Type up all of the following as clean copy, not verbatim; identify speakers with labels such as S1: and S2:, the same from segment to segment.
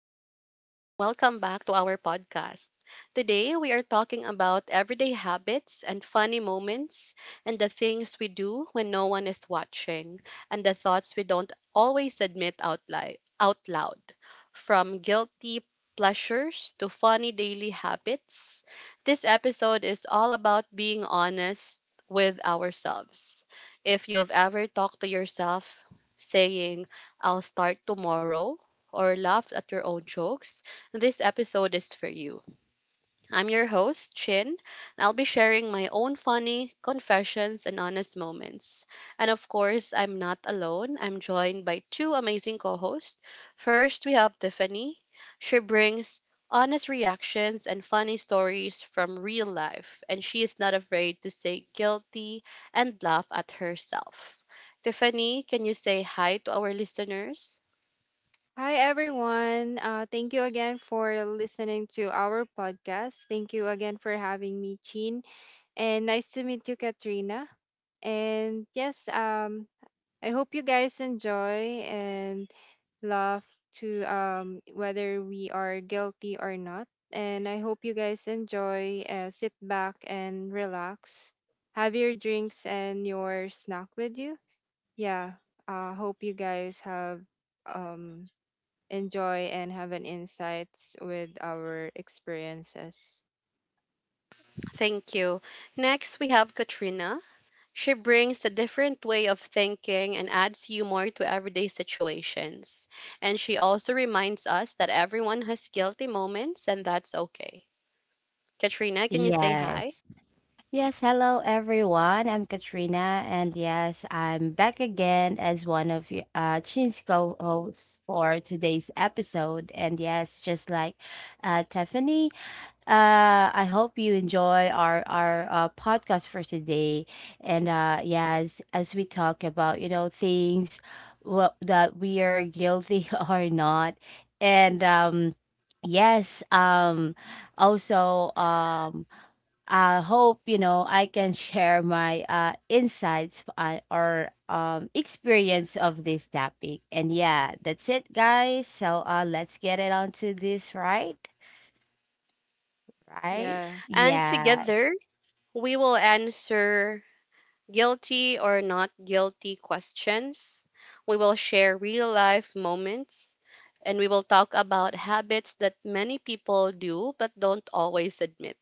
S1: Hi, everyone, and welcome back to our podcast. Today, we are talking about everyday habits and funny moments, and the things we do when no one is watching, and the thoughts we don't always admit out loud. From guilty pleasures to funny daily habits, this episode is all about being honest with ourselves. If you've ever talked to yourself saying, I'll start tomorrow, or laughed at your own jokes, this episode is for you. I'm your host, Chin, and I'll be sharing my own funny confessions and honest moments. And of course, I'm not alone. I'm joined by two amazing co hosts. First, we have Tiffany. She brings honest reactions and funny stories from real life, and she is not afraid to say guilty and laugh at herself. Tiffany, can you say hi to our listeners?
S2: Hi, everyone. Thank you again for listening to our podcast. Thank you again for having me, Jean. And nice to meet you, Katrina. And yes, I hope you guys enjoy and love to whether we are guilty or not. And I hope you guys enjoy, sit back and relax. Have your drinks and your snack with you. Yeah, I hope you guys have. Um, enjoy and have an insights with our experiences.
S1: Thank you. Next, we have Katrina. She brings a different way of thinking and adds humor to everyday situations. And she also reminds us that everyone has guilty moments and that's okay. Katrina, can you say hi?
S3: Yes. Yes, hello everyone. I'm Katrina and yes, I'm back again as one of Chin's co-hosts for today's episode. And yes, just like Tiffany, I hope you enjoy our podcast for today. And yes, as we talk about, you know, things well, that we are guilty or not. And yes, also I hope you know I can share my insights or experience of this topic. And yeah, that's it, guys. So let's get it on to this, right? Right?
S2: Yeah.
S1: And
S3: Yes.
S1: together, we will answer guilty or not guilty questions. We will share real life moments and we will talk about habits that many people do but don't always admit.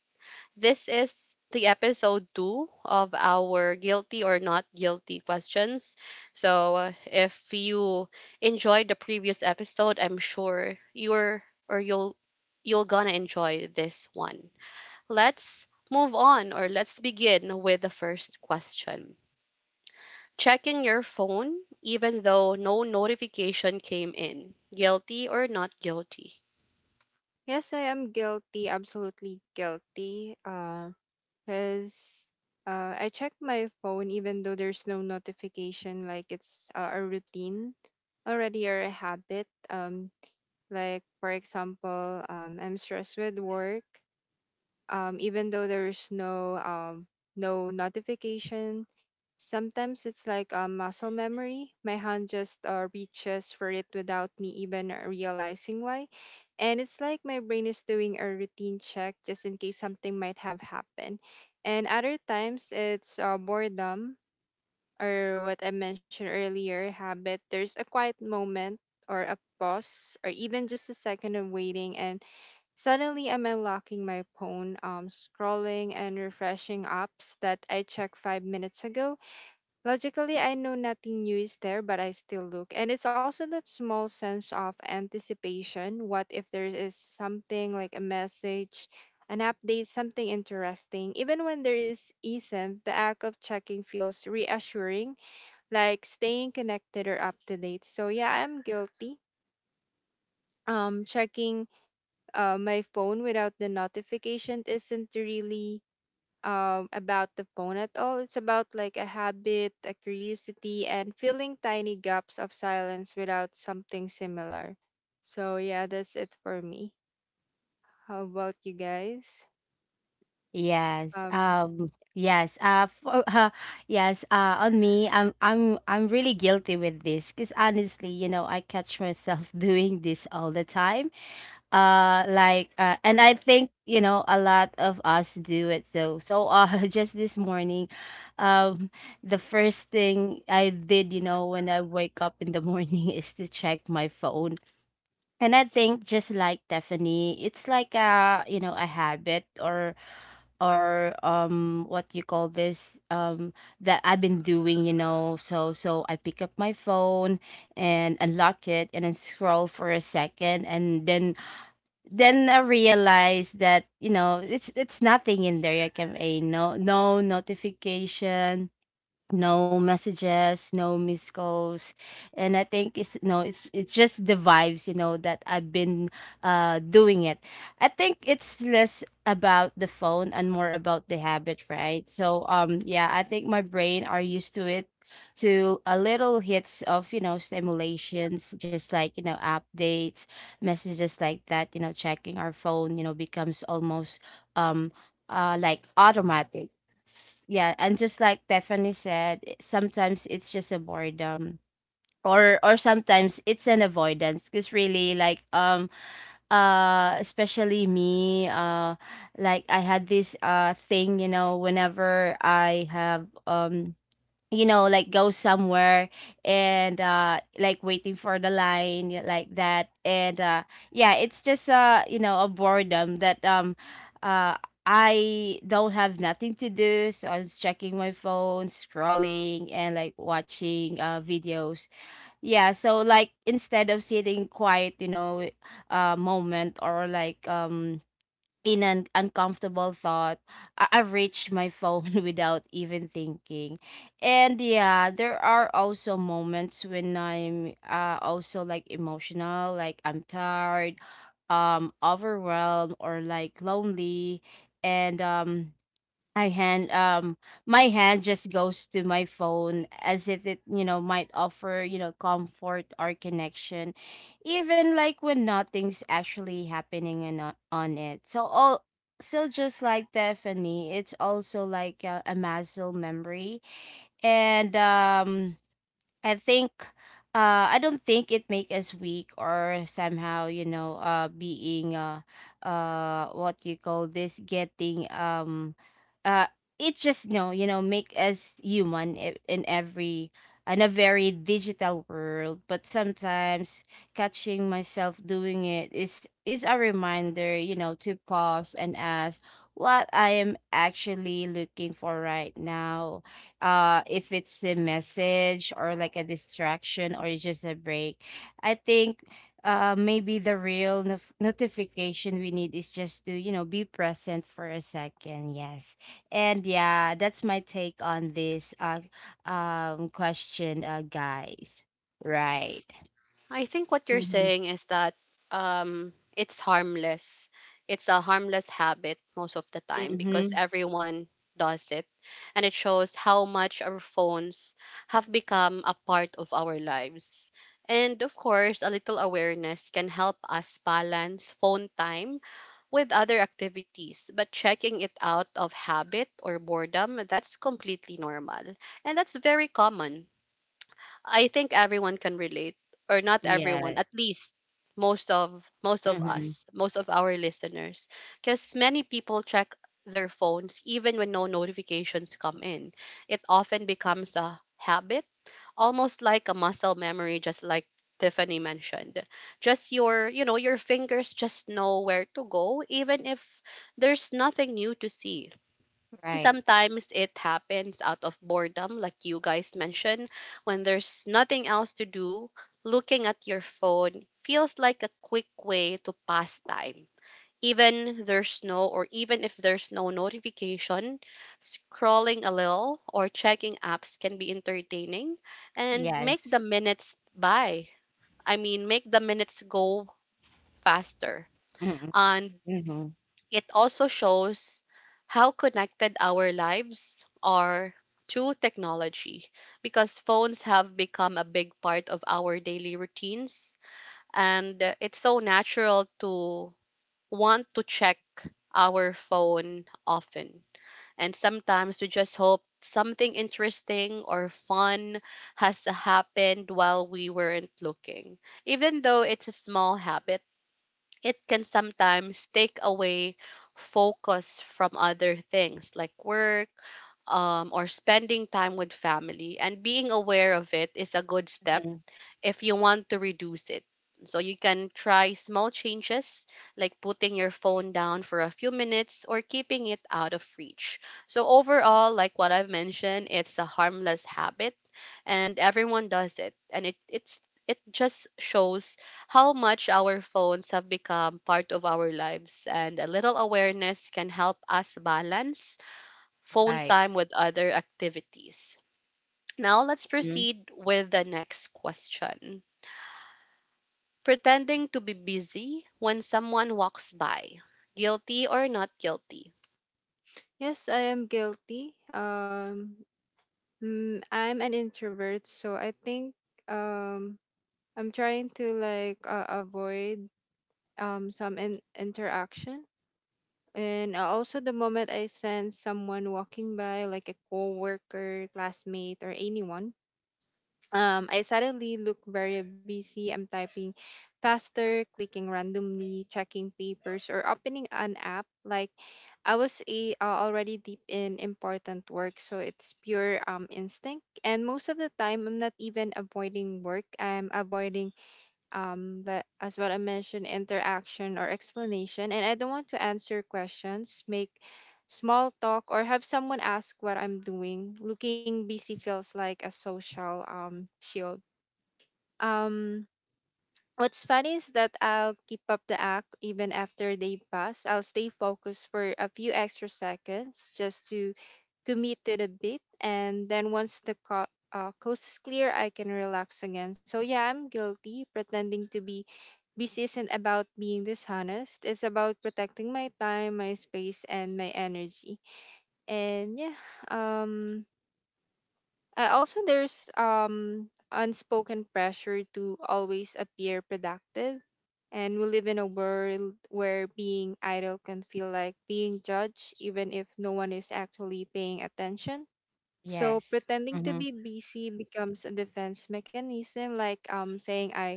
S1: This is the episode two of our guilty or not guilty questions. So, if you enjoyed the previous episode, I'm sure you're or you'll gonna enjoy this one. Let's move on or let's begin with the first question. Checking your phone even though no notification came in. Guilty or not guilty?
S2: Yes, I am guilty, absolutely guilty. Because I check my phone even though there's no notification, like it's a routine already or a habit. Like for example, I'm stressed with work. Even though there's no notification, sometimes it's like a muscle memory. My hand just reaches for it without me even realizing why. And it's like my brain is doing a routine check just in case something might have happened. And other times it's boredom, or what I mentioned earlier, habit. There's a quiet moment or a pause or even just a second of waiting, and suddenly I'm unlocking my phone, scrolling and refreshing apps that I checked 5 minutes ago. Logically, I know nothing new is there, but I still look. And it's also that small sense of anticipation. What if there is something, like a message, an update, something interesting? Even when there is isn't, the act of checking feels reassuring, like staying connected or up to date. So yeah, I'm guilty. Checking my phone without the notification isn't really about the phone at all. It's about like a habit, a curiosity, and filling tiny gaps of silence without something similar. So yeah, that's it for me. How about you guys?
S3: Yes.
S2: Um,
S3: Yes. For, yes. On me, I'm really guilty with this because honestly, you know, I catch myself doing this all the time, like and I think, you know, a lot of us do it, so just this morning um the first thing I did, you know, when I wake up in the morning is to check my phone. And I think, just like Stephanie, it's like a, you know, a habit, or what you call this, that I've been doing, you know. So I pick up my phone and unlock it and then scroll for a second, and then I realized that, you know, it's nothing in there. I can a no notification, no messages, no missed calls. And I think it's no, it's just the vibes, you know, that I've been doing it. I think it's less about the phone and more about the habit, right? So yeah, I think my brain are used to it, to a little hits of, you know, stimulations, just like, you know, updates, messages, like that. You know, checking our phone, you know, becomes almost, um like automatic. Yeah, and just like Stephanie said, sometimes it's just a boredom, or sometimes it's an avoidance, because really, like especially me, like I had this thing, you know, whenever I have, you know, like go somewhere, and like waiting for the line, yeah, like that. And yeah, it's just, you know, a boredom that uh I don't have nothing to do, so I was checking my phone, scrolling, and like watching videos. Yeah, so like instead of sitting quiet, you know, moment, or like in an uncomfortable thought, I've reached my phone without even thinking. And yeah, there are also moments when I'm, also like emotional, like I'm tired, overwhelmed, or like lonely. And I hand my hand just goes to my phone as if it, you know, might offer, you know, comfort or connection, even like when nothing's actually happening and on it. So all, so just like Stephanie, it's also like a muscle memory. And I think I don't think it make us weak or somehow, you know, being what you call this getting uh it just no, you know, make us human, in every in a very digital world. But sometimes catching myself doing it is a reminder, you know, to pause and ask what I am actually looking for right now, if it's a message or like a distraction, or it's just a break. I think maybe the real notification we need is just to, you know, be present for a second. Yes, and yeah, that's my take on this question, guys, right?
S1: I think what you're
S3: Mm-hmm.
S1: saying is that it's harmless. It's a harmless habit most of the time because
S3: Mm-hmm.
S1: everyone does it. And it shows how much our phones have become a part of our lives. And of course, a little awareness can help us balance phone time with other activities, but checking it out of habit or boredom, that's completely normal. And that's very common. I think everyone can relate, or not everyone,
S3: Yes.
S1: at least most of
S3: Mm-hmm.
S1: us, most of our listeners, because many people check their phones even when no notifications come in. It often becomes a habit, almost like a muscle memory, just like Tiffany mentioned. Just your, you know, your fingers just know where to go, even if there's nothing new to see.
S3: Right.
S1: Sometimes it happens out of boredom, like you guys mentioned, when there's nothing else to do. Looking at your phone feels like a quick way to pass time, even there's no or even if there's no notification. Scrolling a little or checking apps can be entertaining and
S3: Yes.
S1: make the minutes go faster.
S3: Mm-hmm.
S1: And
S3: Mm-hmm.
S1: it also shows how connected our lives are to technology because phones have become a big part of our daily routines, and it's so natural to want to check our phone often. And sometimes we just hope something interesting or fun has happened while we weren't looking. Even though it's a small habit, it can sometimes take away focus from other things like work, or spending time with family. And being aware of it is a good step if you want to reduce it. So you can try small changes like putting your phone down for a few minutes or keeping it out of reach. So overall, like what I've mentioned, it's a harmless habit and everyone does it. And it it just shows how much our phones have become part of our lives, and a little awareness can help us balance phone
S3: Right.
S1: time with other activities. Now let's
S3: Mm.
S1: proceed with the next question. Pretending to be busy when someone walks by, guilty or not guilty.
S2: yes, I am guilty. I'm an introvert, so I think um, I'm trying to, like, avoid some interaction. And also, the moment I sense someone walking by, like a coworker, classmate, or anyone, I suddenly look very busy. I'm typing faster, clicking randomly, checking papers, or opening an app, like I was already deep in important work. So it's pure instinct. And most of the time, I'm not even avoiding work. I'm avoiding that, as what I mentioned, interaction or explanation. And I don't want to answer questions, make small talk, or have someone ask what I'm doing. Looking busy feels like a social shield. Um What's funny is that I'll keep up the act even after they pass. I'll stay focused for a few extra seconds just to commit to the beat. And then once the coast is clear, I can relax again. So yeah, I'm guilty. Pretending to be busy isn't about being dishonest. It's about protecting my time, my space, and my energy. And yeah, um, I also, there's unspoken pressure to always appear productive. And we live in a world where being idle can feel like being judged, even if no one is actually paying attention. So
S3: Yes.
S2: pretending to
S3: Mm-hmm.
S2: be busy becomes a defense mechanism, like saying,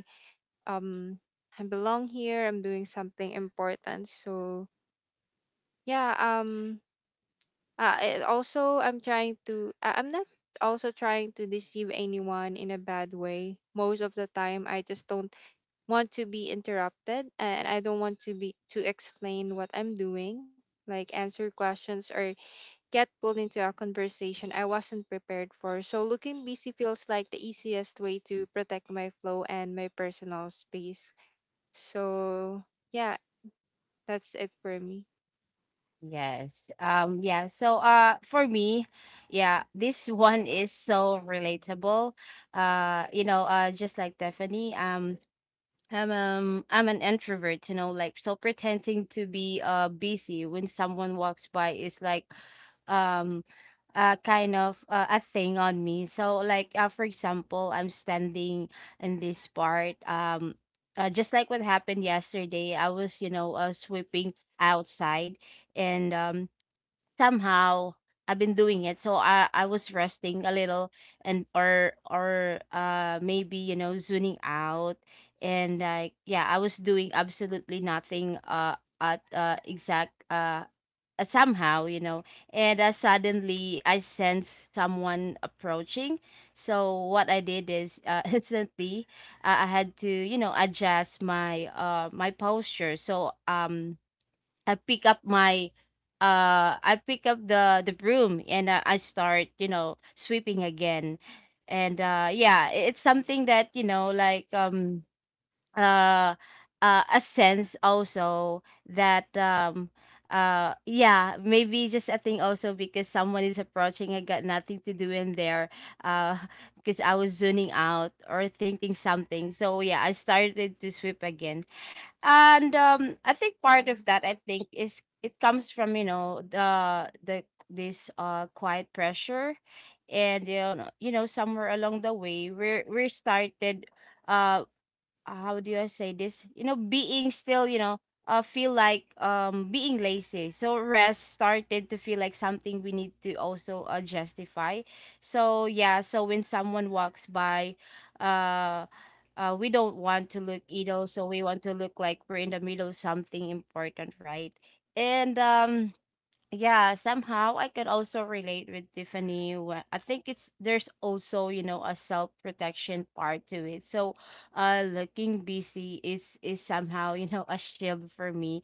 S2: um I belong here, I'm doing something important. So yeah, I also, I'm trying to, I'm not also trying to deceive anyone in a bad way. Most of the time I just don't want to be interrupted, and I don't want to be to explain what I'm doing, like answer questions or get pulled into a conversation I wasn't prepared for. So looking busy feels like the easiest way to protect my flow and my personal space. So yeah, that's it for me.
S3: Yes. Yeah, so for me, yeah, this one is so relatable. You know, just like Stephanie, I'm an introvert, you know, like. So pretending to be busy when someone walks by is like um kind of a thing on me. So like for example, I'm standing in this part, just like what happened yesterday. I was, you know, sweeping outside, and somehow, I've been doing it. So I was resting a little, and or maybe, you know, zoning out. And like yeah, I was doing absolutely nothing at exact somehow, you know. And suddenly I sensed someone approaching. So what I did is, instantly, I had to, you know, adjust my my posture. So I pick up my I pick up the broom, and I start, you know, sweeping again. And yeah, it's something that, you know, like uh a sense also that yeah, maybe just a thing also, because someone is approaching, I got nothing to do in there, uh because I was zoning out or thinking something. So yeah, I started to sweep again. And I think part of that, I think, is it comes from, you know, the this quiet pressure. And you know, you know, somewhere along the way, we started uh how do I say this? You know, being still, you know, feel like being lazy. So rest started to feel like something we need to also justify. So yeah, so when someone walks by, uh, we don't want to look idle. So we want to look like we're in the middle of something important, right? And yeah, somehow I could also relate with Tiffany. I think it's there's also, you know, a self-protection part to it. So looking busy is somehow, you know, a shield for me.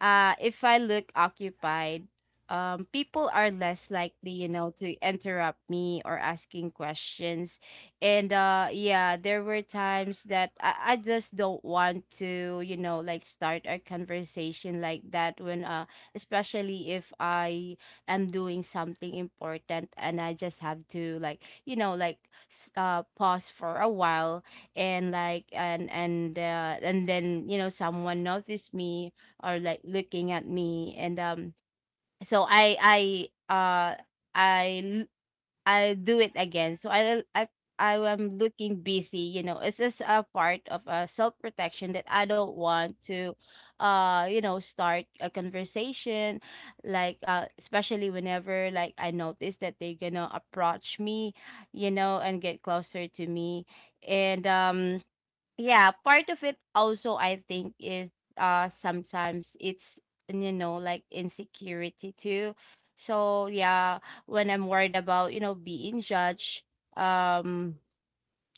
S3: If I look occupied, people are less likely, you know, to interrupt me or asking questions. And yeah, there were times that I just don't want to, you know, like start a conversation like that, when especially if I am doing something important, and I just have to, like, you know, like pause for a while. And like, and and then, you know, someone noticed me or like looking at me. And so uh I I do it again. So I I am looking busy, you know. It's just a part of, self protection that I don't want to, you know, start a conversation, like, especially whenever like I notice that they're gonna approach me, you know, and get closer to me. And yeah, part of it also, I think, is sometimes it's, you know, like insecurity too. So yeah, when I'm worried about, you know, being judged, um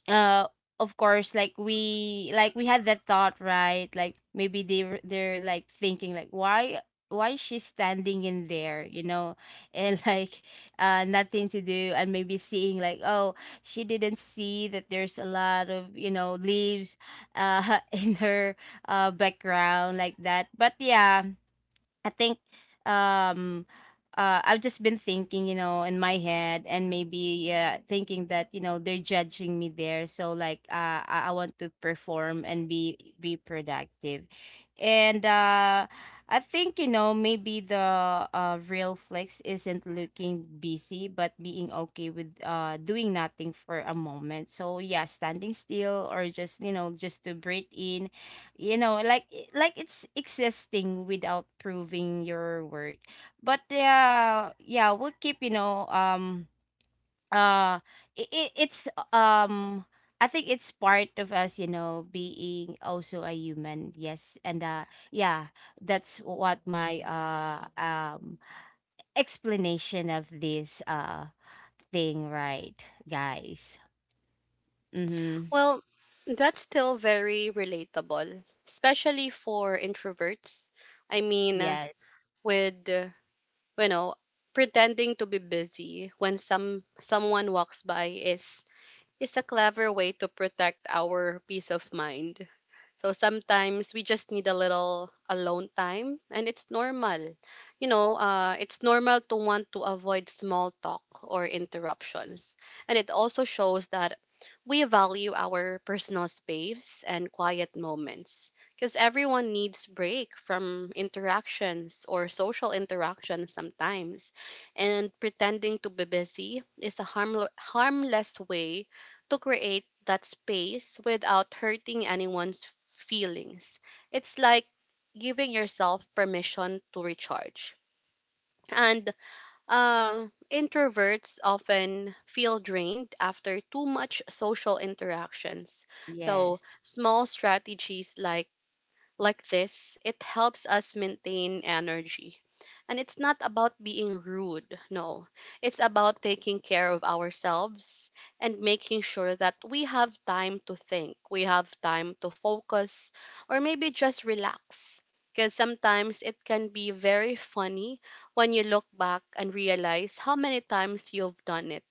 S3: uh of course, like we, like we had that thought, right? Like maybe they're like thinking like, why is she standing in there, you know, and like nothing to do. And maybe seeing like, oh, she didn't see that there's a lot of, you know, leaves in her background, like that. But yeah, I think um I've just been thinking, you know, in my head. And maybe yeah, thinking that, you know, they're judging me there. So like I want to perform and be productive. And I think, you know, maybe the real flex isn't looking busy, but being okay with doing nothing for a moment. So yeah, standing still or just, you know, just to breathe in, you know, like like it's existing without proving your worth. But yeah, yeah, we'll keep, you know, uh it's um I think it's part of us, you know, being also a human. Yes, and yeah, that's what my explanation of this thing, right, guys? Mm-hmm.
S1: Well, that's still very relatable, especially for introverts. I mean,
S3: Yes.
S1: with you know, pretending to be busy when someone walks by is a clever way to protect our peace of mind. So sometimes we just need a little alone time, and it's normal. You know, it's normal to want to avoid small talk or interruptions. And it also shows that we value our personal space and quiet moments because everyone needs break from interactions or social interactions sometimes. And pretending to be busy is a harmless way to create that space without hurting anyone's feelings. It's like giving yourself permission to recharge. And introverts often feel drained after too much social interactions. So
S3: Yes.
S1: small strategies like this, it helps us maintain energy, and it's not about being rude, no. It's about taking care of ourselves and making sure that we have time to think, we have time to focus, or maybe just relax. Because sometimes it can be very funny when you look back and realize how many times you've done it.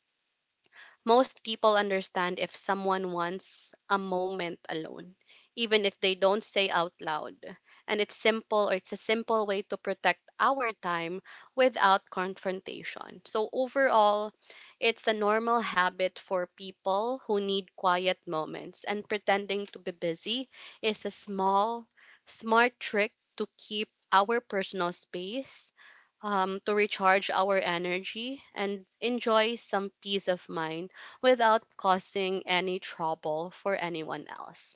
S1: Most people understand if someone wants a moment alone, even if they don't say out loud. And it's a simple way to protect our time without confrontation. So, overall, it's a normal habit for people who need quiet moments, and pretending to be busy is a small, smart trick to keep our personal space, to recharge our energy and enjoy some peace of mind without causing any trouble for anyone else.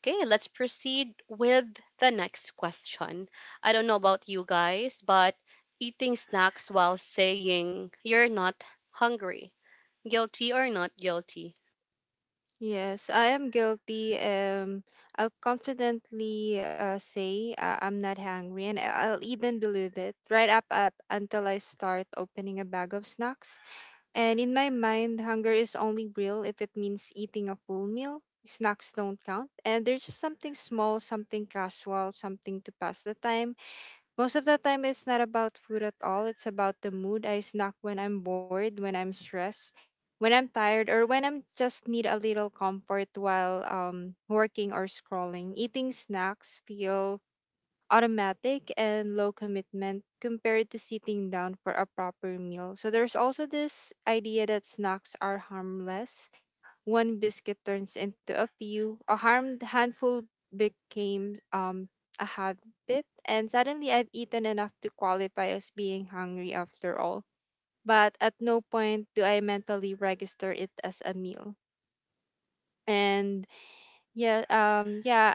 S1: Okay, let's proceed with the next question. I don't know about you guys, but eating snacks while saying you're not hungry, guilty or not guilty?
S2: Yes, I am guilty. I'll confidently say I'm not hungry, and I'll even believe it right up until I start opening a bag of snacks. And in my mind, hunger is only real if it means eating a full meal. Snacks don't count, and there's just something small, something casual, something to pass the time. Most of the time, it's not about food at all. It's about the mood. I snack when I'm bored, when I'm stressed, when I'm tired, or when I'm just need a little comfort while working or scrolling. Eating snacks feel automatic and low commitment compared to sitting down for a proper meal. So there's also this idea that snacks are harmless. One biscuit turns into a few. A harmed handful became a habit, and suddenly I've eaten enough to qualify as being hungry after all. But at no point do I mentally register it as a meal. And yeah, yeah,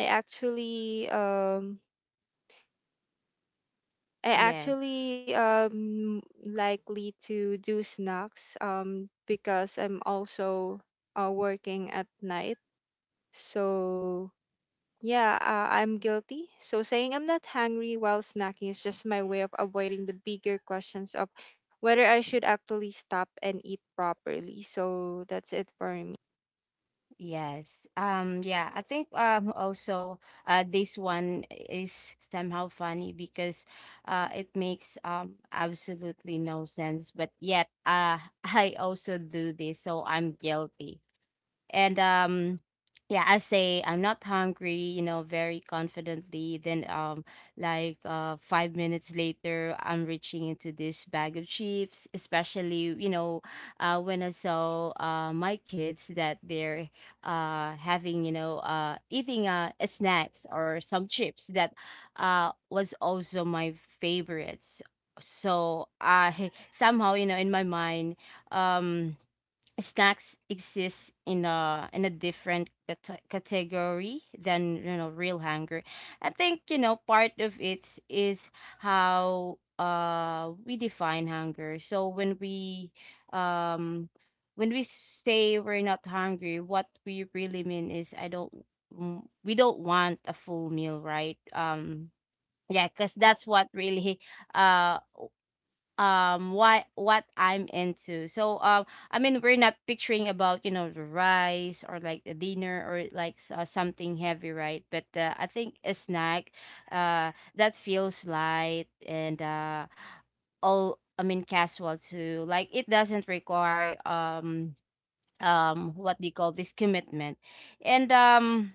S2: I actually um, I
S3: Yes.
S2: actually um likely to do snacks because I'm also working at night. So yeah, I'm guilty. So saying I'm not hungry while snacking is just my way of avoiding the bigger questions of whether I should actually stop and eat properly. So that's it for me.
S3: Yes. Yeah, I think also this one is somehow funny because it makes absolutely no sense, but yet I also do this, so I'm guilty. And yeah, I say I'm not hungry, you know, very confidently, then like 5 minutes later, I'm reaching into this bag of chips, especially, you know, when I saw my kids that they're having, you know, eating snacks or some chips that was also my favorites. So I somehow, you know, in my mind, um snacks exist in a different category than, you know, real hunger. I think, you know, part of it is how we define hunger. So um when we say we're not hungry, what we really mean is I don't we don't want a full meal, right? Yeah, because that's what really uh what I'm into. So I mean we're not picturing about the rice or like the dinner or like something heavy right but I think a snack that feels light and all I mean casual too, like it doesn't require what do you call this, commitment. and um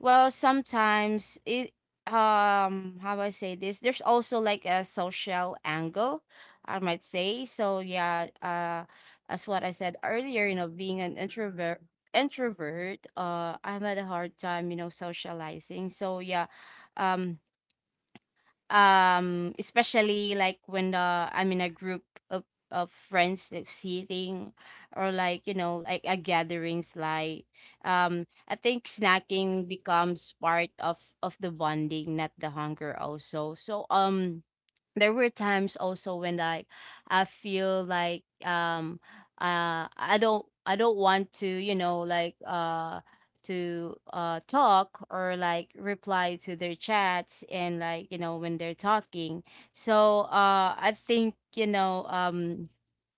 S3: sometimes it, how I say this, there's also like a social angle, I might say. So yeah, as what I said earlier, you know, being an introvert I'm at a hard time, you know, socializing. So yeah, um especially like when the I'm in a group of of friends, like sitting or like you know, like a gatherings like, I think snacking becomes part of the bonding, not the hunger also. So there were times also when like I feel like I don't want to you know like to talk or like reply to their chats and like you know when they're talking. So I think you know,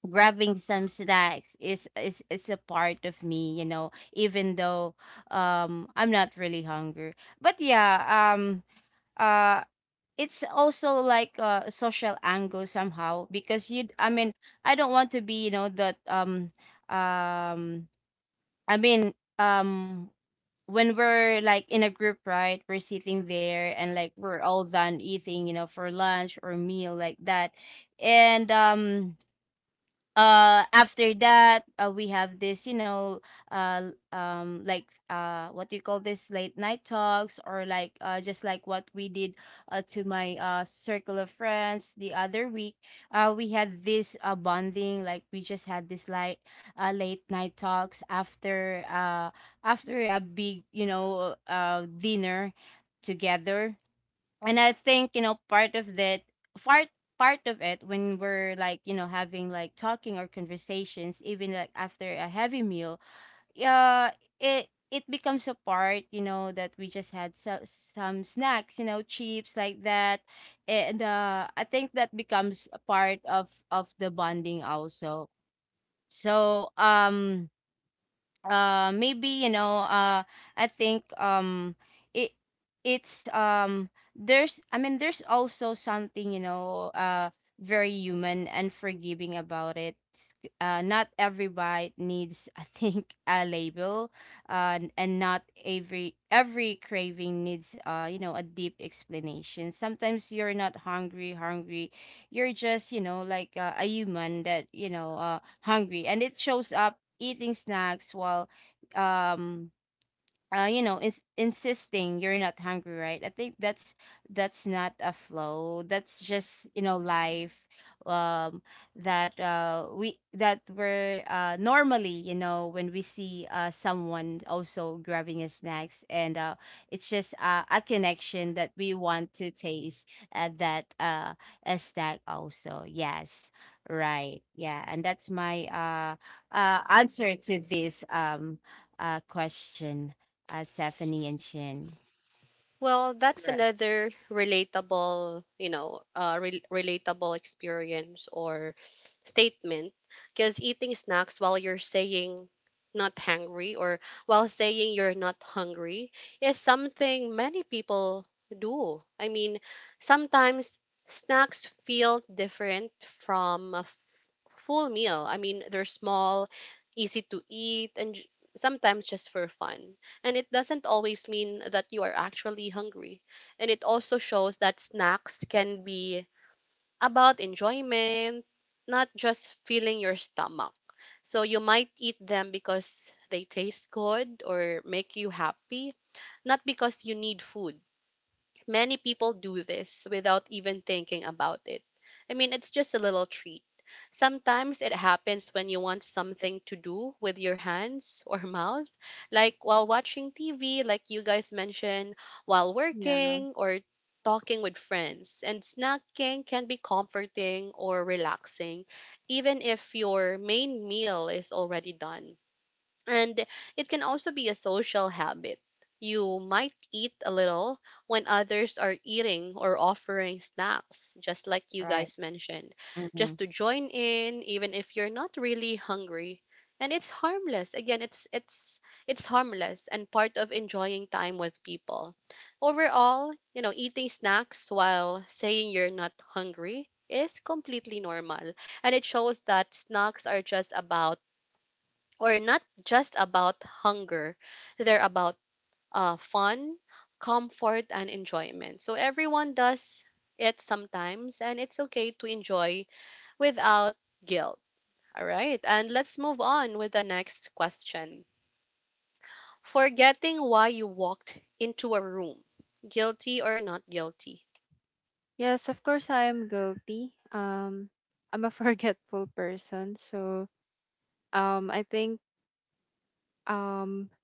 S3: grabbing some snacks is a part of me, you know, even though I'm not really hungry. But yeah, um uh it's also like a social angle somehow, because you I mean I don't want to be you know that um I mean um when we're like in a group, right, we're sitting there and like we're all done eating you know for lunch or meal like that. And After that we have this you know like what do you call this, late night talks, or like just like what we did, to my circle of friends the other week. We had this bonding, like we just had this like late night talks after after a big you know dinner together. And I think you know part of that part part of it, when we're like you know having like talking or conversations even like after a heavy meal, uh it it becomes a part you know, that we just had so, some snacks, you know, chips like that. And I think that becomes a part of the bonding also. So maybe you know, I think it it's there's I mean there's also something you know very human and forgiving about it. Not every bite needs I think a label. And not every craving needs you know a deep explanation. Sometimes you're not hungry hungry, you're just you know like a human that you know hungry, and it shows up eating snacks while um you know, insisting you're not hungry, right? I think that's not a flow. That's just you know life, um, that we're normally you know when we see someone also grabbing a snacks, and it's just a connection that we want to taste that a snack also. Yes, right, yeah, and that's my answer to this question. At Stephanie and Shin.
S1: Well, that's
S3: Right.
S1: another relatable, you know, relatable experience or statement. Because eating snacks while you're saying not hungry or while saying you're not hungry is something many people do. I mean, sometimes snacks feel different from a full meal. I mean, they're small, easy to eat, and sometimes just for fun. And it doesn't always mean that you are actually hungry. And it also shows that snacks can be about enjoyment, not just filling your stomach. So you might eat them because they taste good or make you happy, not because you need food. Many people do this without even thinking about it. I mean, it's just a little treat. Sometimes it happens when you want something to do with your hands or mouth, like while watching TV, like you guys mentioned, while
S2: Yeah.
S1: working or talking with friends. And snacking can be comforting or relaxing, even if your main meal is already done. And it can also be a social habit. You might eat a little when others are eating or offering snacks, just like you
S3: Right.
S1: guys mentioned, just
S3: Mhm.
S1: to join in, even if you're not really hungry. And it's harmless. Again, it's harmless and part of enjoying time with people. Overall, you know, eating snacks while saying you're not hungry is completely normal. And it shows that snacks are just about or not just about hunger. They're about, fun, comfort, and enjoyment. So everyone does it sometimes, and it's okay to enjoy without guilt. All right, and let's move on with the next question. Forgetting why you walked into a room, guilty or not guilty?
S2: Yes, of course I am guilty. I'm a forgetful person, so I think um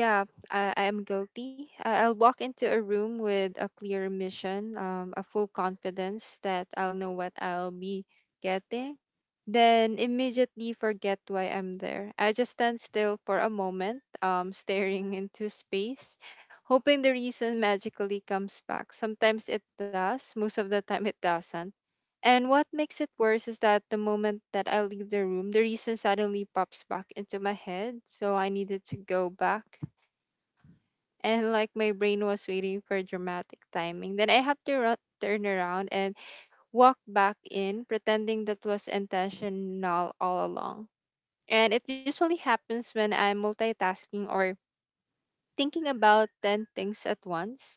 S2: Yeah, I am guilty. I'll walk into a room with a clear mission, a full confidence that I'll know what I'll be getting, then immediately forget why I'm there. I just stand still for a moment, staring into space, hoping the reason magically comes back. Sometimes it does, most of the time it doesn't. And what makes it worse is that the moment that I leave the room, the reason suddenly pops back into my head, so I needed to go back, and like my brain was waiting for dramatic timing. Then I have to run, turn around, and walk back in, pretending that was intentional all along. And it usually happens when I'm multitasking or thinking about 10 things at once.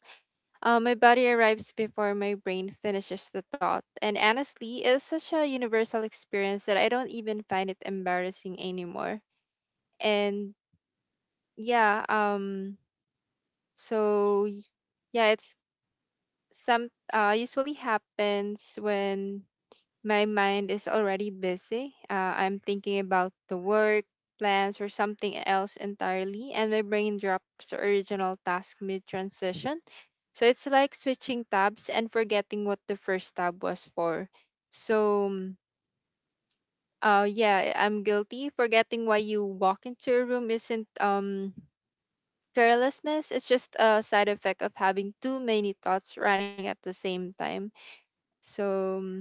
S2: My body arrives before my brain finishes the thought. And honestly, it's such a universal experience that I don't even find it embarrassing anymore. And yeah, so yeah, it's some usually happens when my mind is already busy. I'm thinking about the work, plans, or something else entirely, and my brain drops the original task mid transition. So it's like switching tabs and forgetting what the first tab was for. So, yeah, I'm guilty. Forgetting why you walk into a room isn't carelessness. It's just a side effect of having too many thoughts running at the same time. So,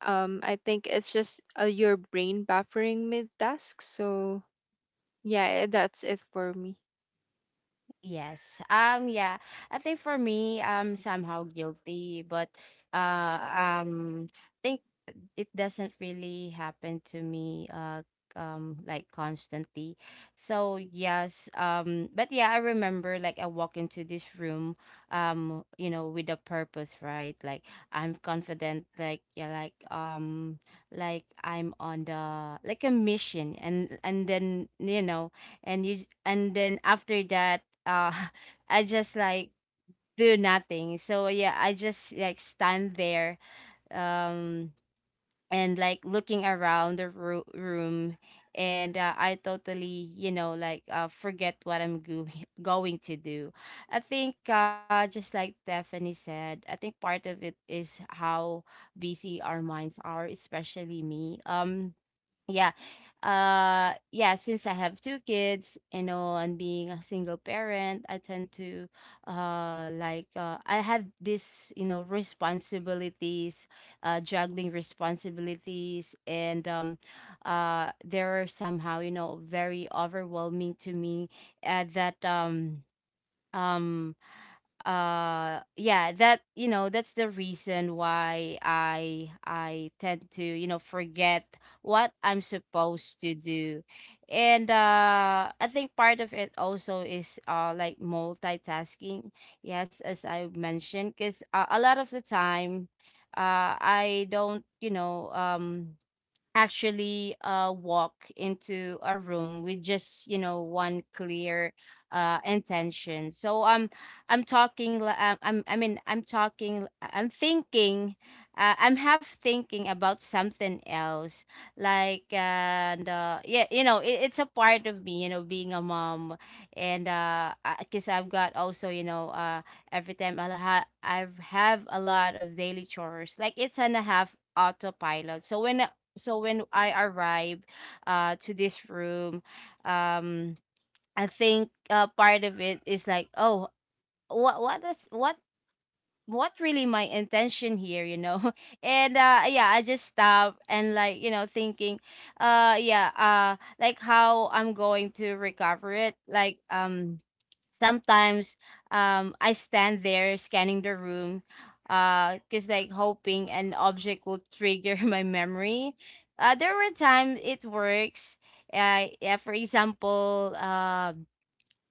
S2: I think it's just your brain buffering mid task. So yeah, that's it for me.
S3: Yes. Yeah. I think for me, I'm somehow guilty, but uh um think it doesn't really happen to me like constantly. So yes, but yeah, I remember like I walk into this room, you know with a purpose, right? Like I'm confident like yeah, like I'm on the like a mission, and then you know and you and then after that I just like do nothing. So yeah, I just like stand there, um and like looking around the room, and I totally you know like forget what I'm going to do. I think just like Stephanie said, I think part of it is how busy our minds are, especially me. Yeah. Yeah, since I have two kids, you know, and being a single parent, I tend to I have this, you know, responsibilities, juggling responsibilities, and they're somehow, you know, very overwhelming to me at that um yeah, that you know, that's the reason why I tend to you know forget what I'm supposed to do. And I think part of it also is like multitasking, yes, as I mentioned, because a lot of the time I don't you know actually walk into a room with just you know one clear intention. So I'm talking li- I'm I mean I'm talking, I'm thinking, I'm half thinking about something else like, and yeah you know it, it's a part of me you know being a mom. And because I've got also you know every time I have a lot of daily chores, like it's on a half autopilot. So when I arrived to this room, um I think part of it is like, oh, what is what really my intention here, you know? And yeah, I just stopped and like, you know, thinking, yeah, like how I'm going to recover it. Like sometimes I stand there scanning the room, because like hoping an object will trigger my memory. There were times it works. Yeah, for example, um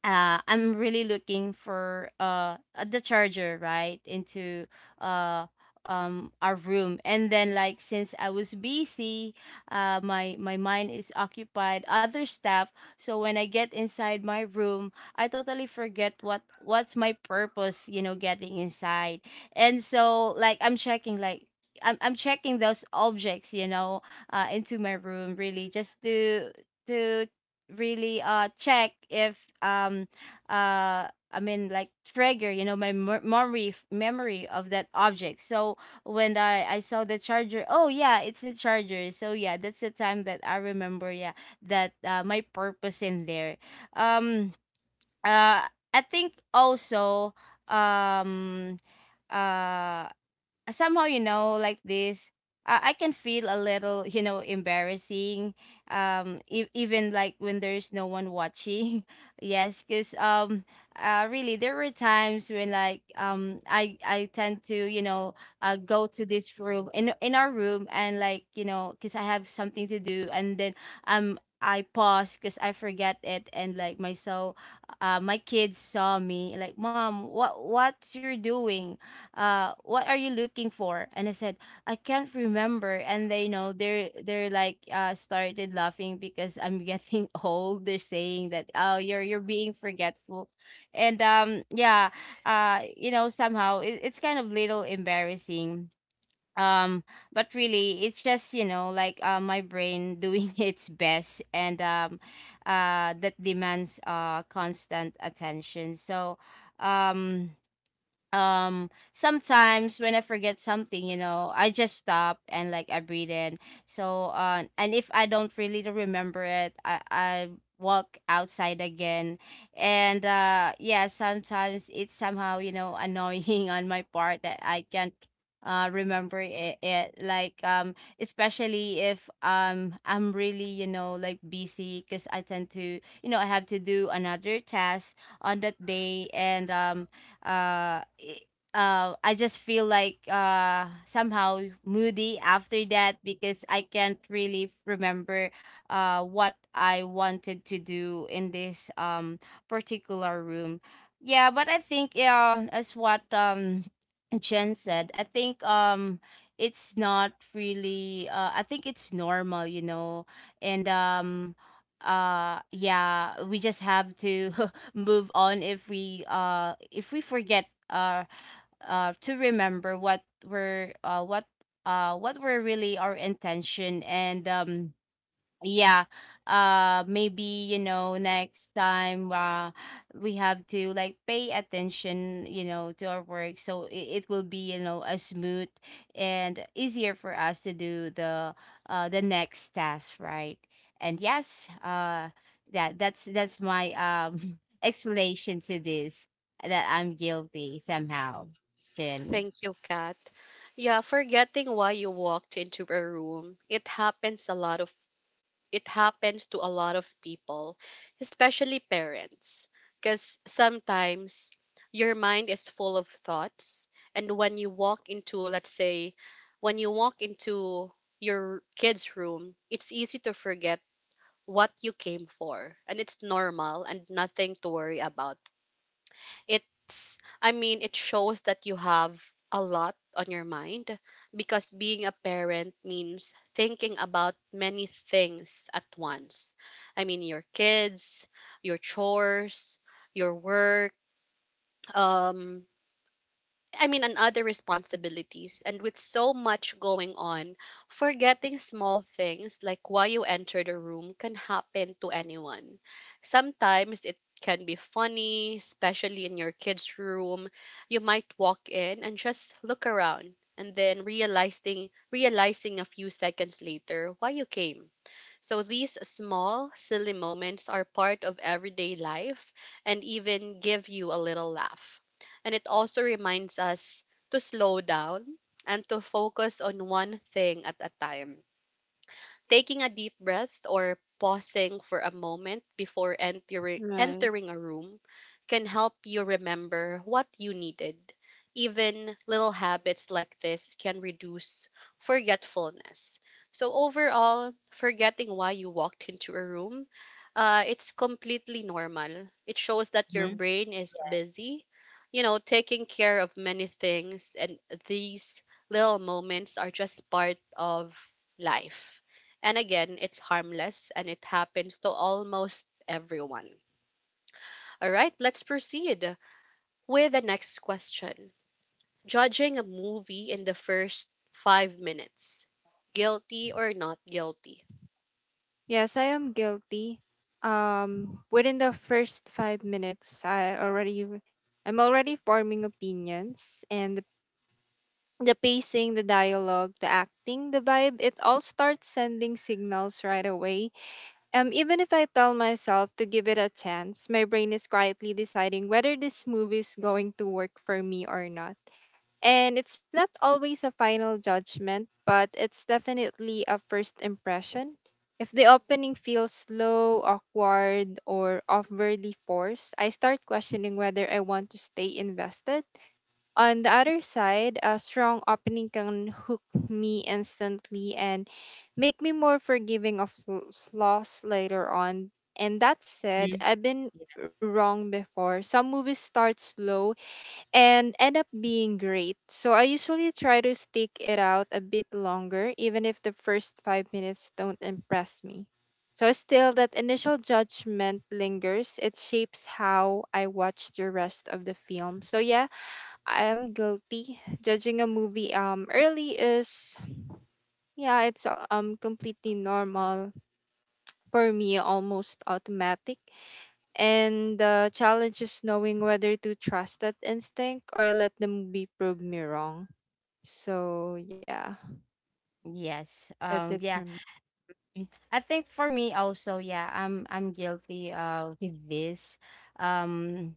S3: uh, I'm really looking for the charger right into uh our room, and then like since I was busy, my my mind is occupied other stuff. So when I get inside my room, I totally forget what's my purpose you know getting inside. And so like I'm checking like I'm checking those objects you know into my room, really just to to really check if uh I mean like trigger you know my memory of that object. So when I saw the charger, oh yeah, it's the charger. So yeah, that's the time that I remember, yeah, that my purpose in there. um uh I think also um uh somehow you know like this I can feel a little you know embarrassing, even like when there's no one watching yes, because really there were times when like I tend to you know go to this room in our room, and like you know because I have something to do, and then I pause because I forget it, and like my so my kids saw me like, mom, what you're doing, what are you looking for, and I said, I can't remember. And they you know they're like started laughing because I'm getting old, they're saying that, oh, you're being forgetful. And yeah, you know somehow it, it's kind of little embarrassing, um but really it's just you know like my brain doing its best, and that demands constant attention. So um sometimes when I forget something, you know, I just stop and like I breathe in. So and if I don't really remember it, I walk outside again. And yeah, sometimes it's somehow you know annoying on my part that I can't remember it, it like especially if I'm really you know like busy because I tend to you know I have to do another task on that day, and uh, i- I just feel like somehow moody after that because I can't really remember what I wanted to do in this particular room. Yeah, but I think yeah, as what Jen said, I think it's not really. I think it's normal, you know, and yeah, we just have to move on if we forget to remember what we're what were really our intention. And yeah, maybe you know next time we have to like pay attention you know to our work, so it will be you know a smooth and easier for us to do the next task, right? And yes, that's my explanation to this, that I'm guilty somehow, Jen.
S1: Thank you, Kat. Yeah, forgetting why you walked into a room, it happens to a lot of people, especially parents, because sometimes your mind is full of thoughts. And when you walk into, let's say, when you walk into your kid's room, it's easy to forget what you came for. And it's normal and nothing to worry about. It's i mean it shows that you have a lot on your mind because being a parent means thinking about many things at once. I mean your kids, your chores, your work, um I mean, and other responsibilities. And with so much going on, forgetting small things like why you entered a room can happen to anyone. Sometimes it can be funny, especially in your kid's room. You might walk in and just look around and then realizing a few seconds later why you came. So these small, silly moments are part of everyday life and even give you a little laugh. And it also reminds us to slow down and to focus on one thing at a time. Taking a deep breath or pausing for a moment before
S2: Right.
S1: entering a room can help you remember what you needed. Even little habits like this can reduce forgetfulness. So overall, forgetting why you walked into a room, it's completely normal. It shows that your
S3: Mhm.
S1: brain is busy, you know, taking care of many things, and these little moments are just part of life. And again, it's harmless and it happens to almost everyone. All right, let's proceed with the next question. Judging a movie in the first 5 minutes, guilty or not guilty?
S2: Yes, I am guilty. Within the first 5 minutes, I'm already forming opinions, and the pacing, the dialogue, the acting, the vibe, it all starts sending signals right away. Even if I tell myself to give it a chance, my brain is quietly deciding whether this movie is going to work for me or not. And it's not always a final judgment, but it's definitely a first impression. If the opening feels slow, awkward, or overly forced, I start questioning whether I want to stay invested. On the other side, a strong opening can hook me instantly and make me more forgiving of flaws later on. And that said,
S3: Mhm.
S2: I've been wrong before. Some movies start slow and end up being great. So I usually try to stick it out a bit longer, even if the first 5 minutes don't impress me. So still, that initial judgment lingers. It shapes how I watch the rest of the film. So yeah, I am guilty. Judging a movie early is, yeah, it's completely normal for me, almost automatic. And the challenge is knowing whether to trust that instinct or let them be prove me wrong. So yeah,
S3: Yes.
S2: that's it
S3: Yeah.
S2: from.
S3: Mm. I think for me also, yeah, I'm guilty with this. Um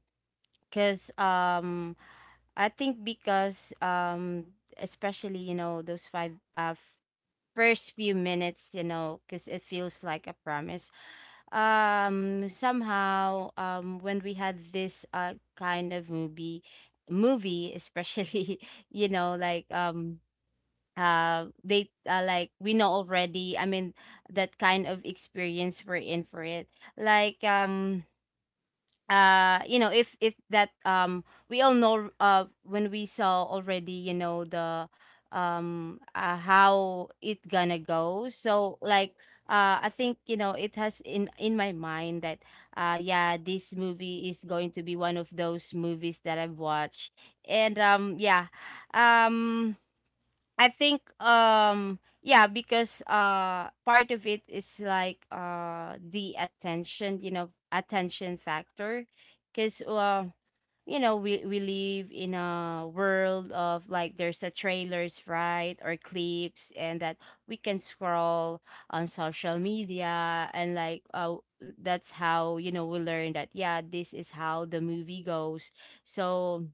S3: because I think because especially, you know, those first few minutes, you know, because it feels like a promise. Somehow, when we had this kind of movie especially, you know, like they like, we know already, I mean, that kind of experience, we're in for it, like you know, if that, we all know when we saw already, you know, the how it gonna go. So like, I think, you know, it has in my mind that yeah, this movie is going to be one of those movies that I've watched. And yeah. um I think, yeah, because part of it is like, the attention, you know, attention factor. Because you know, we live in a world of, like, there's a trailers, right, or clips, and that we can scroll on social media, and like, that's how, you know, we learn that, yeah, this is how the movie goes. So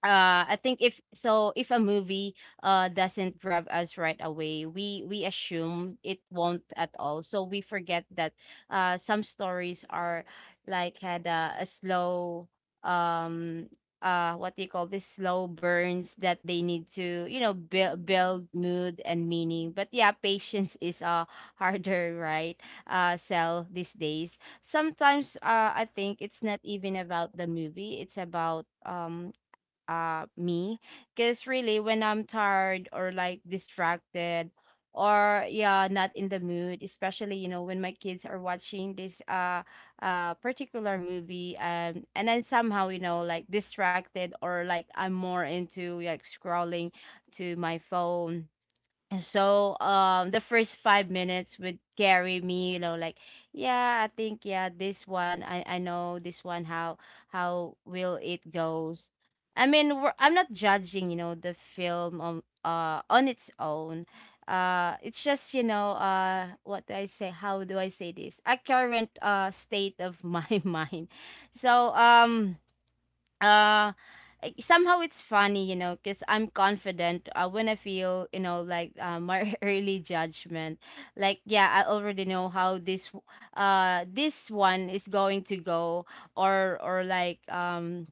S3: I think, if a movie doesn't grab us right away, we assume it won't at all, so we forget that some stories are, like, had a slow, um what do you call this, slow burns that they need to, you know, build mood and meaning. But yeah, patience is harder, right, sell these days. Sometimes, I think it's not even about the movie. It's about me. Because really, when I'm tired or like distracted, or yeah, not in the mood, especially, you know, when my kids are watching this, particular movie, and then somehow, you know, like distracted, or like I'm more into, like, scrolling to my phone. And so the first 5 minutes would carry me, you know, like, yeah, I think, yeah, this one, I know this one, how will it goes. I mean, I'm not judging, you know, the film on its own. It's just, you know, what do I say? How do I say this? A current state of my mind. So uh somehow it's funny, you know, because I'm confident, when I feel, you know, like, my early judgment, like, yeah, I already know how this one is going to go. Or like,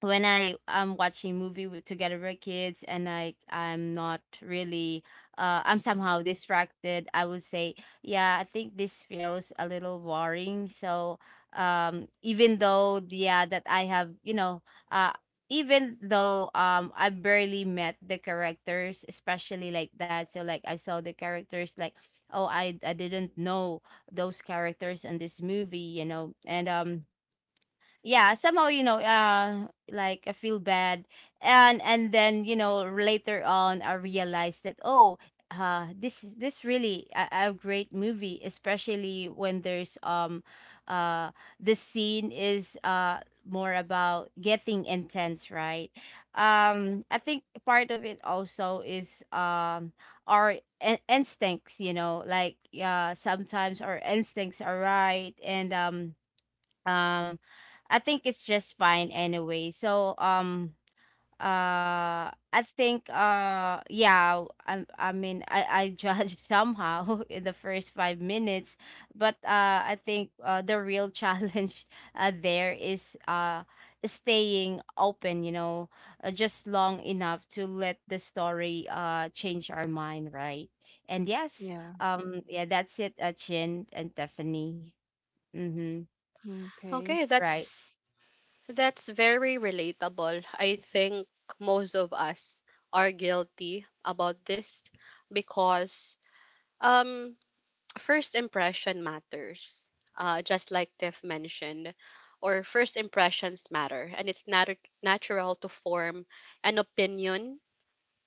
S3: when I am watching movie with, together with kids, and I'm not really, I'm somehow distracted, I would say, yeah, I think this feels a little boring. So even though, yeah, that I have, you know, uh even though I barely met the characters, especially like that. So like, I saw the characters like, oh, I didn't know those characters in this movie, you know. And yeah, somehow, you know, like, I feel bad. And then, you know, later on, I realized that, oh, this really a great movie, especially when there's uh the scene is more about getting intense, right. I think part of it also is our instincts, you know, like, sometimes our instincts are right. And um I think it's just fine anyway. So I think, yeah, I mean I judged somehow in the first 5 minutes. But I think the real challenge there is staying open, you know, just long enough to let the story change our mind, right. And yes.
S2: Yeah.
S3: Yeah, that's it, Chin and Tiffany. Mm-hmm.
S2: Okay.
S1: Okay,
S3: Right.
S1: that's very relatable. I think most of us are guilty about this because, um first impression matters, just like Tiff mentioned, or first impressions matter, and it's natural to form an opinion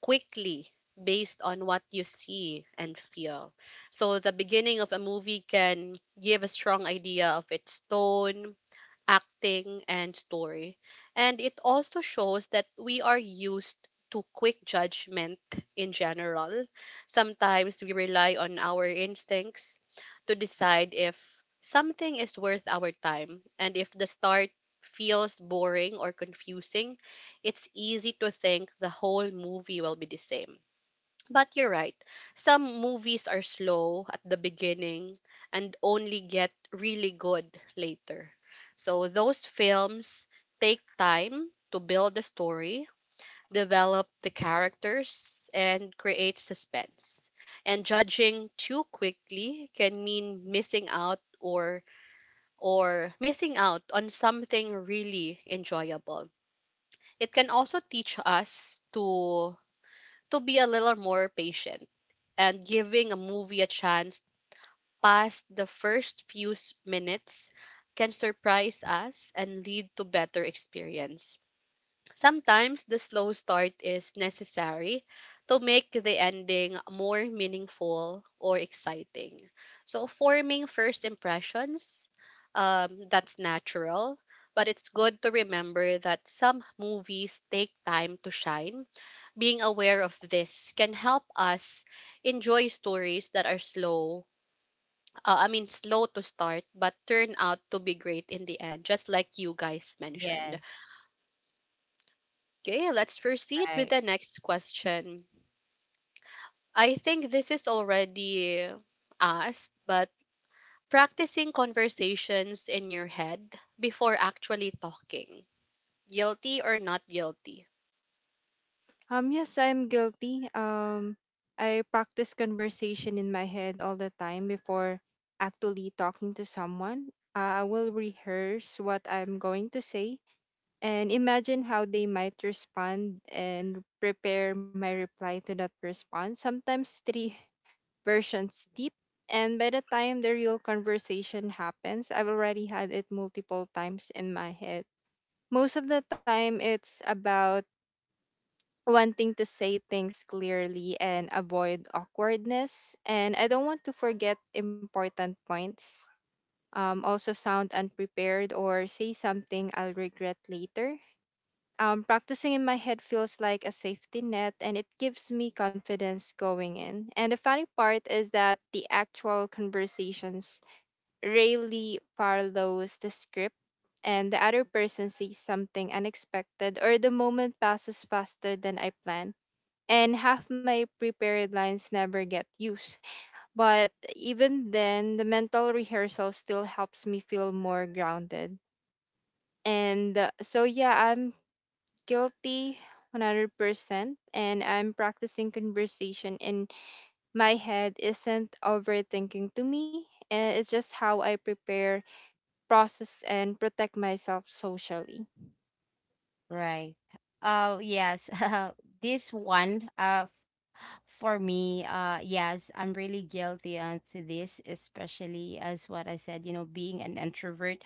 S1: quickly based on what you see and feel. So the beginning of a movie can give a strong idea of its tone, acting, and story. And it also shows that we are used to quick judgment in general. Sometimes we rely on our instincts to decide if something is worth our time. And if the start feels boring or confusing, it's easy to think the whole movie will be the same. But you're right. Some movies are slow at the beginning and only get really good later. So those films take time to build the story, develop the characters, and create suspense. And judging too quickly can mean missing out or missing out on something really enjoyable. It can also teach us to be a little more patient and giving a movie a chance past the first few minutes can surprise us and lead to better experience. Sometimes the slow start is necessary to make the ending more meaningful or exciting. So, forming first impressions, that's natural, but it's good to remember that some movies take time to shine. Being aware of this can help us enjoy stories that are slow, I mean, slow to start, but turn out to be great in the end, just like you guys mentioned.
S3: Yes.
S1: Okay, let's proceed
S3: Right,
S1: with the next question. I think this is already asked, but practicing conversations in your head before actually talking. Guilty or not guilty?
S2: Yes, I'm guilty. I practice conversation in my head all the time before actually talking to someone. I will rehearse what I'm going to say, and imagine how they might respond, and prepare my reply to that response. Sometimes three versions deep. And by the time the real conversation happens, I've already had it multiple times in my head. Most of the time, it's about wanting to say things clearly and avoid awkwardness. And I don't want to forget important points, also sound unprepared, or say something I'll regret later. Practicing in my head feels like a safety net, and it gives me confidence going in. And the funny part is that the actual conversations rarely follows the script, and the other person sees something unexpected, or the moment passes faster than I plan. And half my prepared lines never get used. But even then, the mental rehearsal still helps me feel more grounded. And so, yeah, I'm guilty 100%, and I'm practicing conversation in my head isn't overthinking to me. It's just how I prepare, process, and protect myself socially.
S3: right. Oh yes. This one, for me, yes, I'm really guilty onto this, especially as what I said, you know, being an introvert.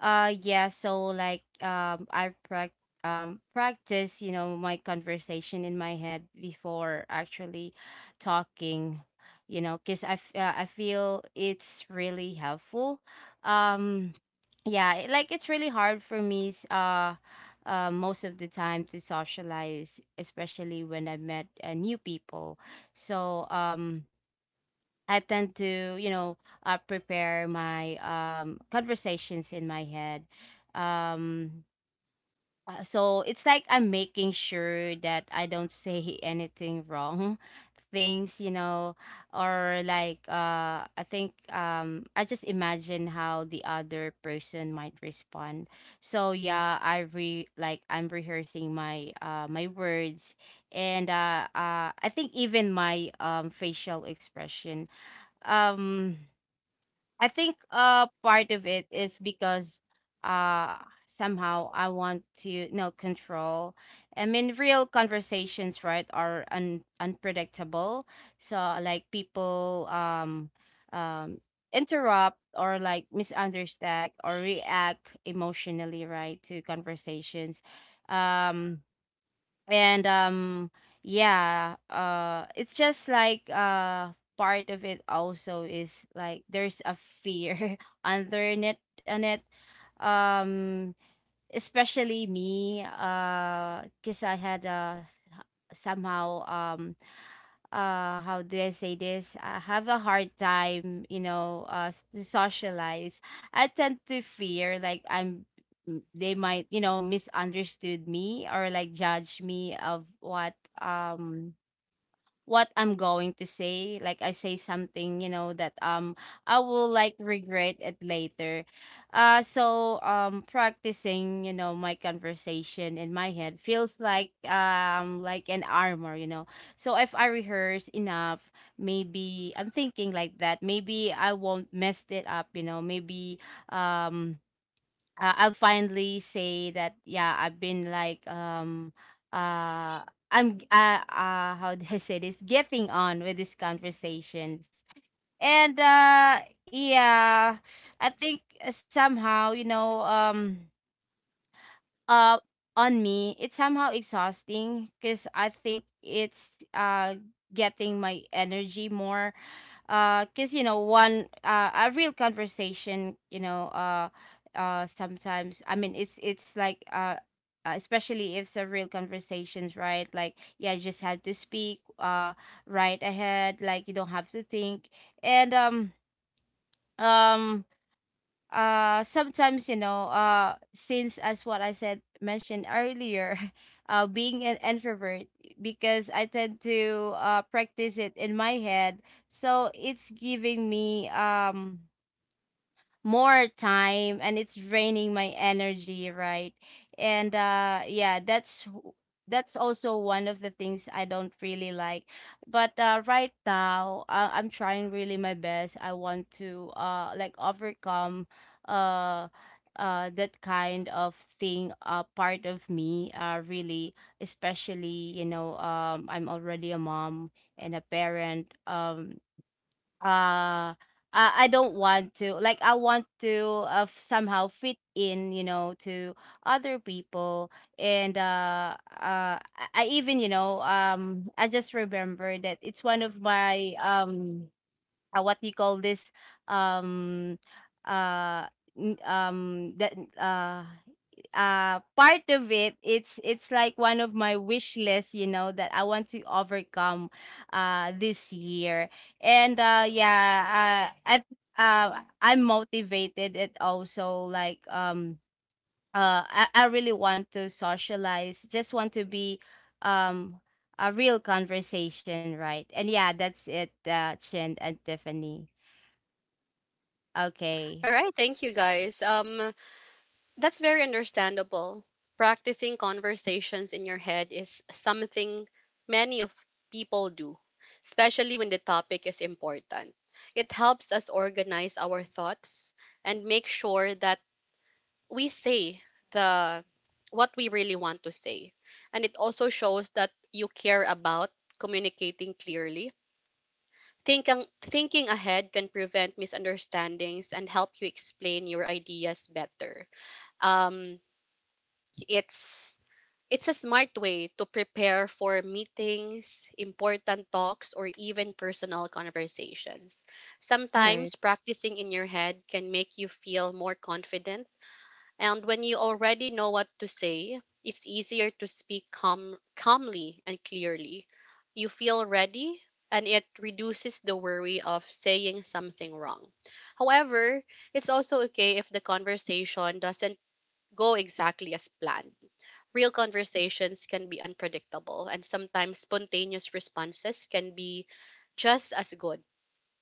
S3: Yeah, so like, I prac practice, you know, my conversation in my head before actually talking, you know, cuz I feel it's really helpful. Um yeah, like, it's really hard for me most of the time to socialize, especially when I met, new people. So I tend to, you know, prepare my, conversations in my head. Um, so it's like, I'm making sure that I don't say anything wrong things, you know, or like, I think, I just imagine how the other person might respond. So yeah, I re like, I'm rehearsing my, my words, and I think even my, facial expression. um I think part of it is because uh somehow I want to, you know, control. I mean, real conversations, right, are unpredictable. So like, people um interrupt, or like misunderstand, or react emotionally, right, to conversations. Um and yeah, it's just like, part of it also is like, there's a fear underneath it on it. um Especially me, because I had a, somehow, how do I say this, I have a hard time, you know, to socialize. I tend to fear, like, they might, you know, misunderstood me, or like judge me of what, what I'm going to say. Like, I say something, you know, that, I will, like, regret it later. So practicing, you know, my conversation in my head feels like, like an armor, you know. So if I rehearse enough, maybe I'm thinking like that. Maybe I won't mess it up, you know. Maybe, um I'll finally say that, yeah, I've been like, how do I say this, getting on with these conversations. And yeah, I think somehow, you know, uh on me, it's somehow exhausting because I think it's getting my energy more, because, you know, one a real conversation, you know, sometimes, I mean, it's like, especially if it's a real conversations, right, like, yeah, you just had to speak, right ahead, like you don't have to think. And um sometimes, you know, since, as what I said, mentioned earlier, being an introvert, because I tend to practice it in my head, so it's giving me, more time, and it's draining my energy, right. And yeah, that's also one of the things I don't really like. But right now, I'm trying really my best. I want to like, overcome uh that kind of thing. Part of me really, especially, you know, I'm already a mom and a parent. Uh I don't want to, like, I want to somehow fit in, you know, to other people. And I even, you know, I just remember that it's one of my, what do you call this, um uh n- that uh part of it, it's like one of my wish lists, you know, that I want to overcome this year. And yeah, at I'm motivated, it also like, I really want to socialize, just want to be, um a real conversation, right. And yeah, that's it, Chin and Tiffany. Okay.
S1: All right, thank you guys. That's very understandable. Practicing conversations in your head is something many of people do, especially when the topic is important. It helps us organize our thoughts and make sure that we say the what we really want to say, and it also shows that you care about communicating clearly. Thinking ahead can prevent misunderstandings and help you explain your ideas better. um it's it's a smart way to prepare for meetings, important talks, or even personal conversations.
S2: Right.
S1: Sometimes practicing in your head can make you feel more confident, and when you already know what to say, it's easier to speak calmly and clearly. You feel ready, and it reduces the worry of saying something wrong. However, it's also okay if the conversation doesn't go exactly as planned. Real conversations can be unpredictable, and sometimes spontaneous responses can be just as good.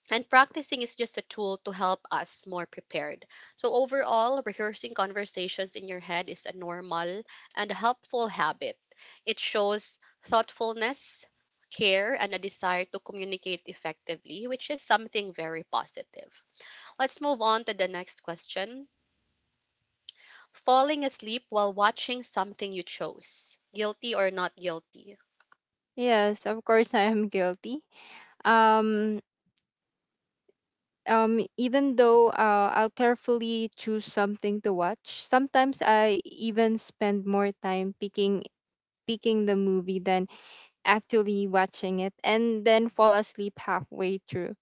S1: And practicing is just a tool to help us more prepared. So, overall, rehearsing conversations in your head is a normal and helpful habit. It shows thoughtfulness, care, and a desire to communicate effectively, which is something very positive. Let's move on to the next question. Falling asleep while watching something you chose, guilty or not guilty?
S2: Yes, of course I am guilty. Um, Even though I'll carefully choose something to watch, sometimes I even spend more time picking the movie than actually watching it, and then fall asleep halfway through.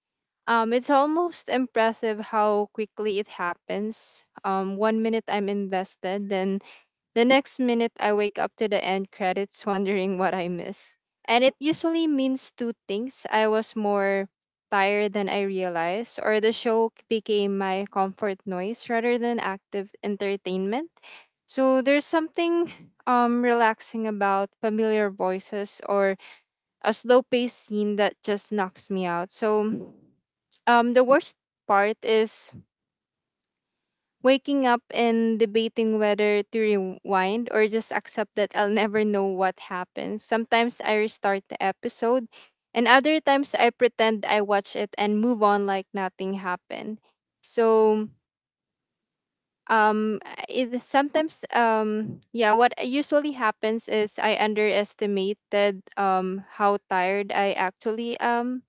S2: It's almost impressive how quickly it happens. One minute I'm invested, then the next minute I wake up to the end credits wondering what I missed. And it usually means two things. I was more tired than I realized, or the show became my comfort noise rather than active entertainment. So there's something relaxing about familiar voices, or a slow paced scene that just knocks me out. So the worst part is waking up and debating whether to rewind or just accept that I'll never know what happened. Sometimes I restart the episode, and other times I pretend I watch it and move on like nothing happened. So, um it sometimes, yeah, what usually happens is I underestimated how tired I actually am.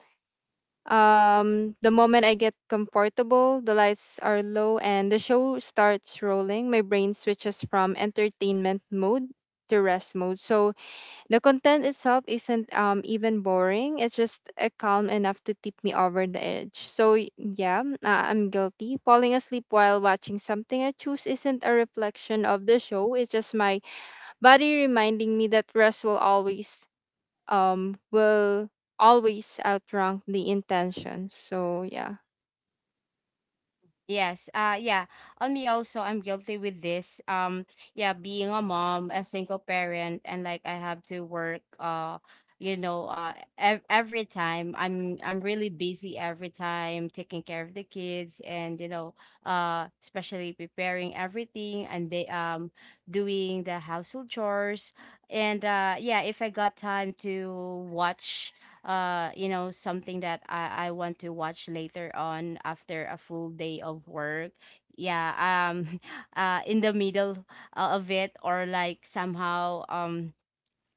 S2: The moment I get comfortable, the lights are low, and the show starts rolling, my brain switches from entertainment mode to rest mode. So the content itself isn't even boring. It's just calm enough to tip me over the edge. So yeah, I'm guilty. Falling asleep while watching something I choose isn't a reflection of the show. It's just my body reminding me that rest will um will always outrank the intention. So yeah.
S3: Yes. Yeah. On me also, I'm guilty with this. Yeah, being a mom, a single parent, and like, I have to work, you know, every time I'm really busy, every time taking care of the kids and, you know, especially preparing everything, and they doing the household chores. And yeah, if I got time to watch, you know, something that I want to watch later on, after a full day of work, yeah, um in the middle, of it, or like, somehow,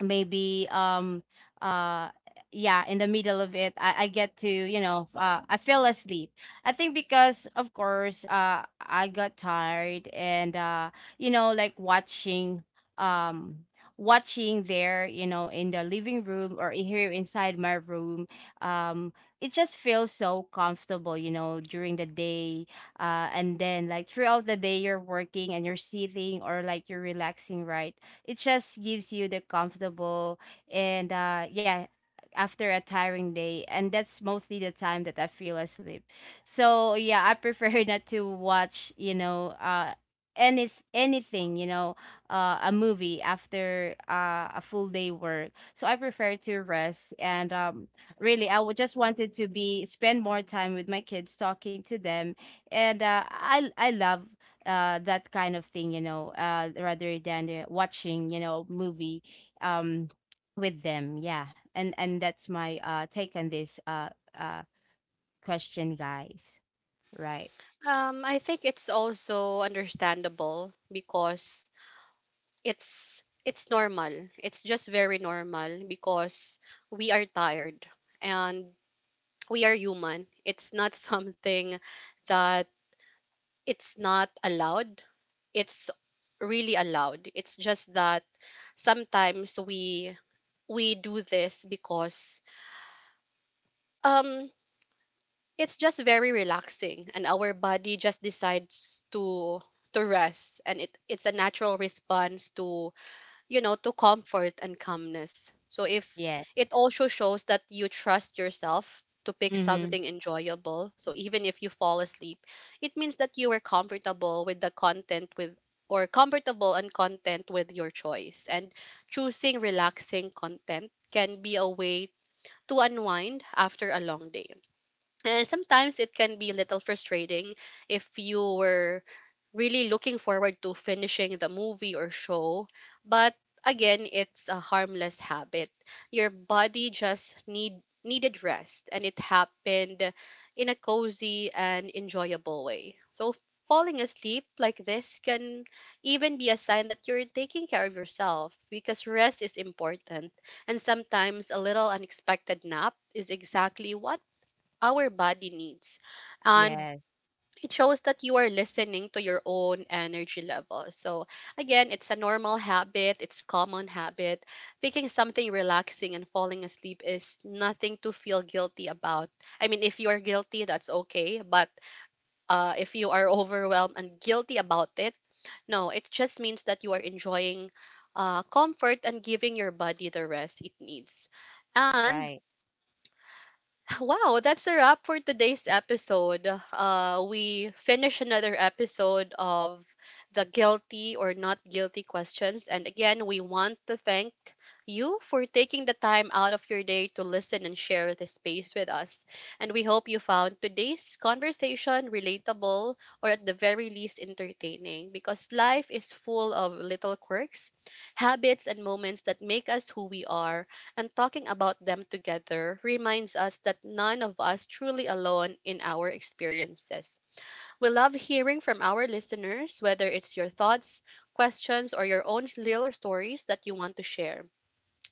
S3: maybe uh yeah, in the middle of it, I get to, you know, I fell asleep. I think, because of course, I got tired, and you know, like, um watching there, you know, in the living room, or in here inside my room. um it just feels so comfortable, you know, during the day. And then, like, throughout the day, you're working and you're sitting, or like, you're relaxing, right. It just gives you the comfortable. And yeah, after a tiring day, and that's mostly the time that I feel asleep. So yeah, I prefer not to watch, you know, anything, you know, a movie after, a full day work. So I prefer to rest, and really, I would just wanted to be spend more time with my kids, talking to them, and I love that kind of thing, you know, rather than, watching, you know, movie um with them. Yeah. And that's my take on this, uh question, guys. Right.
S1: I think it's also understandable because it's normal. It's just very normal because we are tired and we are human. It's not something that it's not allowed. It's really allowed. It's just that sometimes we do this because um it's just very relaxing and our body just decides to rest, and it's a natural response to, you know, to comfort and calmness. So if
S3: Yes.
S1: it also shows that you trust yourself to pick
S3: Mm-hmm.
S1: something enjoyable. So even if you fall asleep, it means that you were comfortable with the content, with or comfortable and content with your choice. And choosing relaxing content can be a way to unwind after a long day. And sometimes it can be a little frustrating if you were really looking forward to finishing the movie or show. But again, it's a harmless habit. Your body just needed rest, and it happened in a cozy and enjoyable way. So falling asleep like this can even be a sign that you're taking care of yourself because rest is important, and sometimes a little unexpected nap is exactly what our body needs. And
S3: Yes.
S1: it shows that you are listening to your own energy level. So again, it's a normal habit, it's common habit. Picking something relaxing and falling asleep is nothing to feel guilty about. I mean, if you are guilty, that's okay, but if you are overwhelmed and guilty about it, no, it just means that you are enjoying comfort and giving your body the rest it needs. And
S3: Right.
S1: wow, that's a wrap for today's episode. We finish another episode of the guilty or not guilty questions. And again, we want to thank you for taking the time out of your day to listen and share this space with us. And we hope you found today's conversation relatable, or at the very least entertaining, because life is full of little quirks, habits, and moments that make us who we are, and talking about them together reminds us that none of us truly alone in our experiences. We love hearing from our listeners, whether it's your thoughts, questions, or your own little stories that you want to share.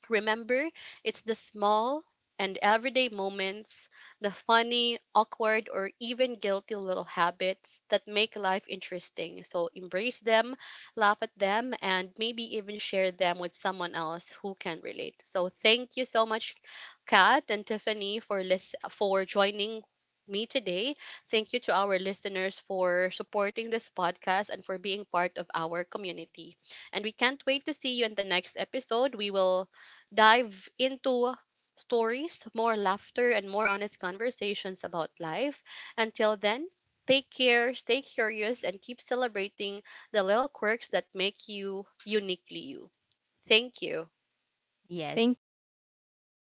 S1: Remember, it's the small and everyday moments, the funny, awkward, or even guilty little habits that make life interesting. So embrace them, laugh at them, and maybe even share them with someone else who can relate. So thank you so much, Kat and Tiffany, for for joining me today. Thank you to our listeners for supporting this podcast and for being part of our community. And we can't wait to see you in the next episode. We will dive into stories, more laughter, and more honest conversations about life. Until then, take care, stay curious, and keep celebrating the little quirks that make you uniquely you. Thank you.
S3: Yes,
S2: Thank
S3: thank you.
S2: you. Bye.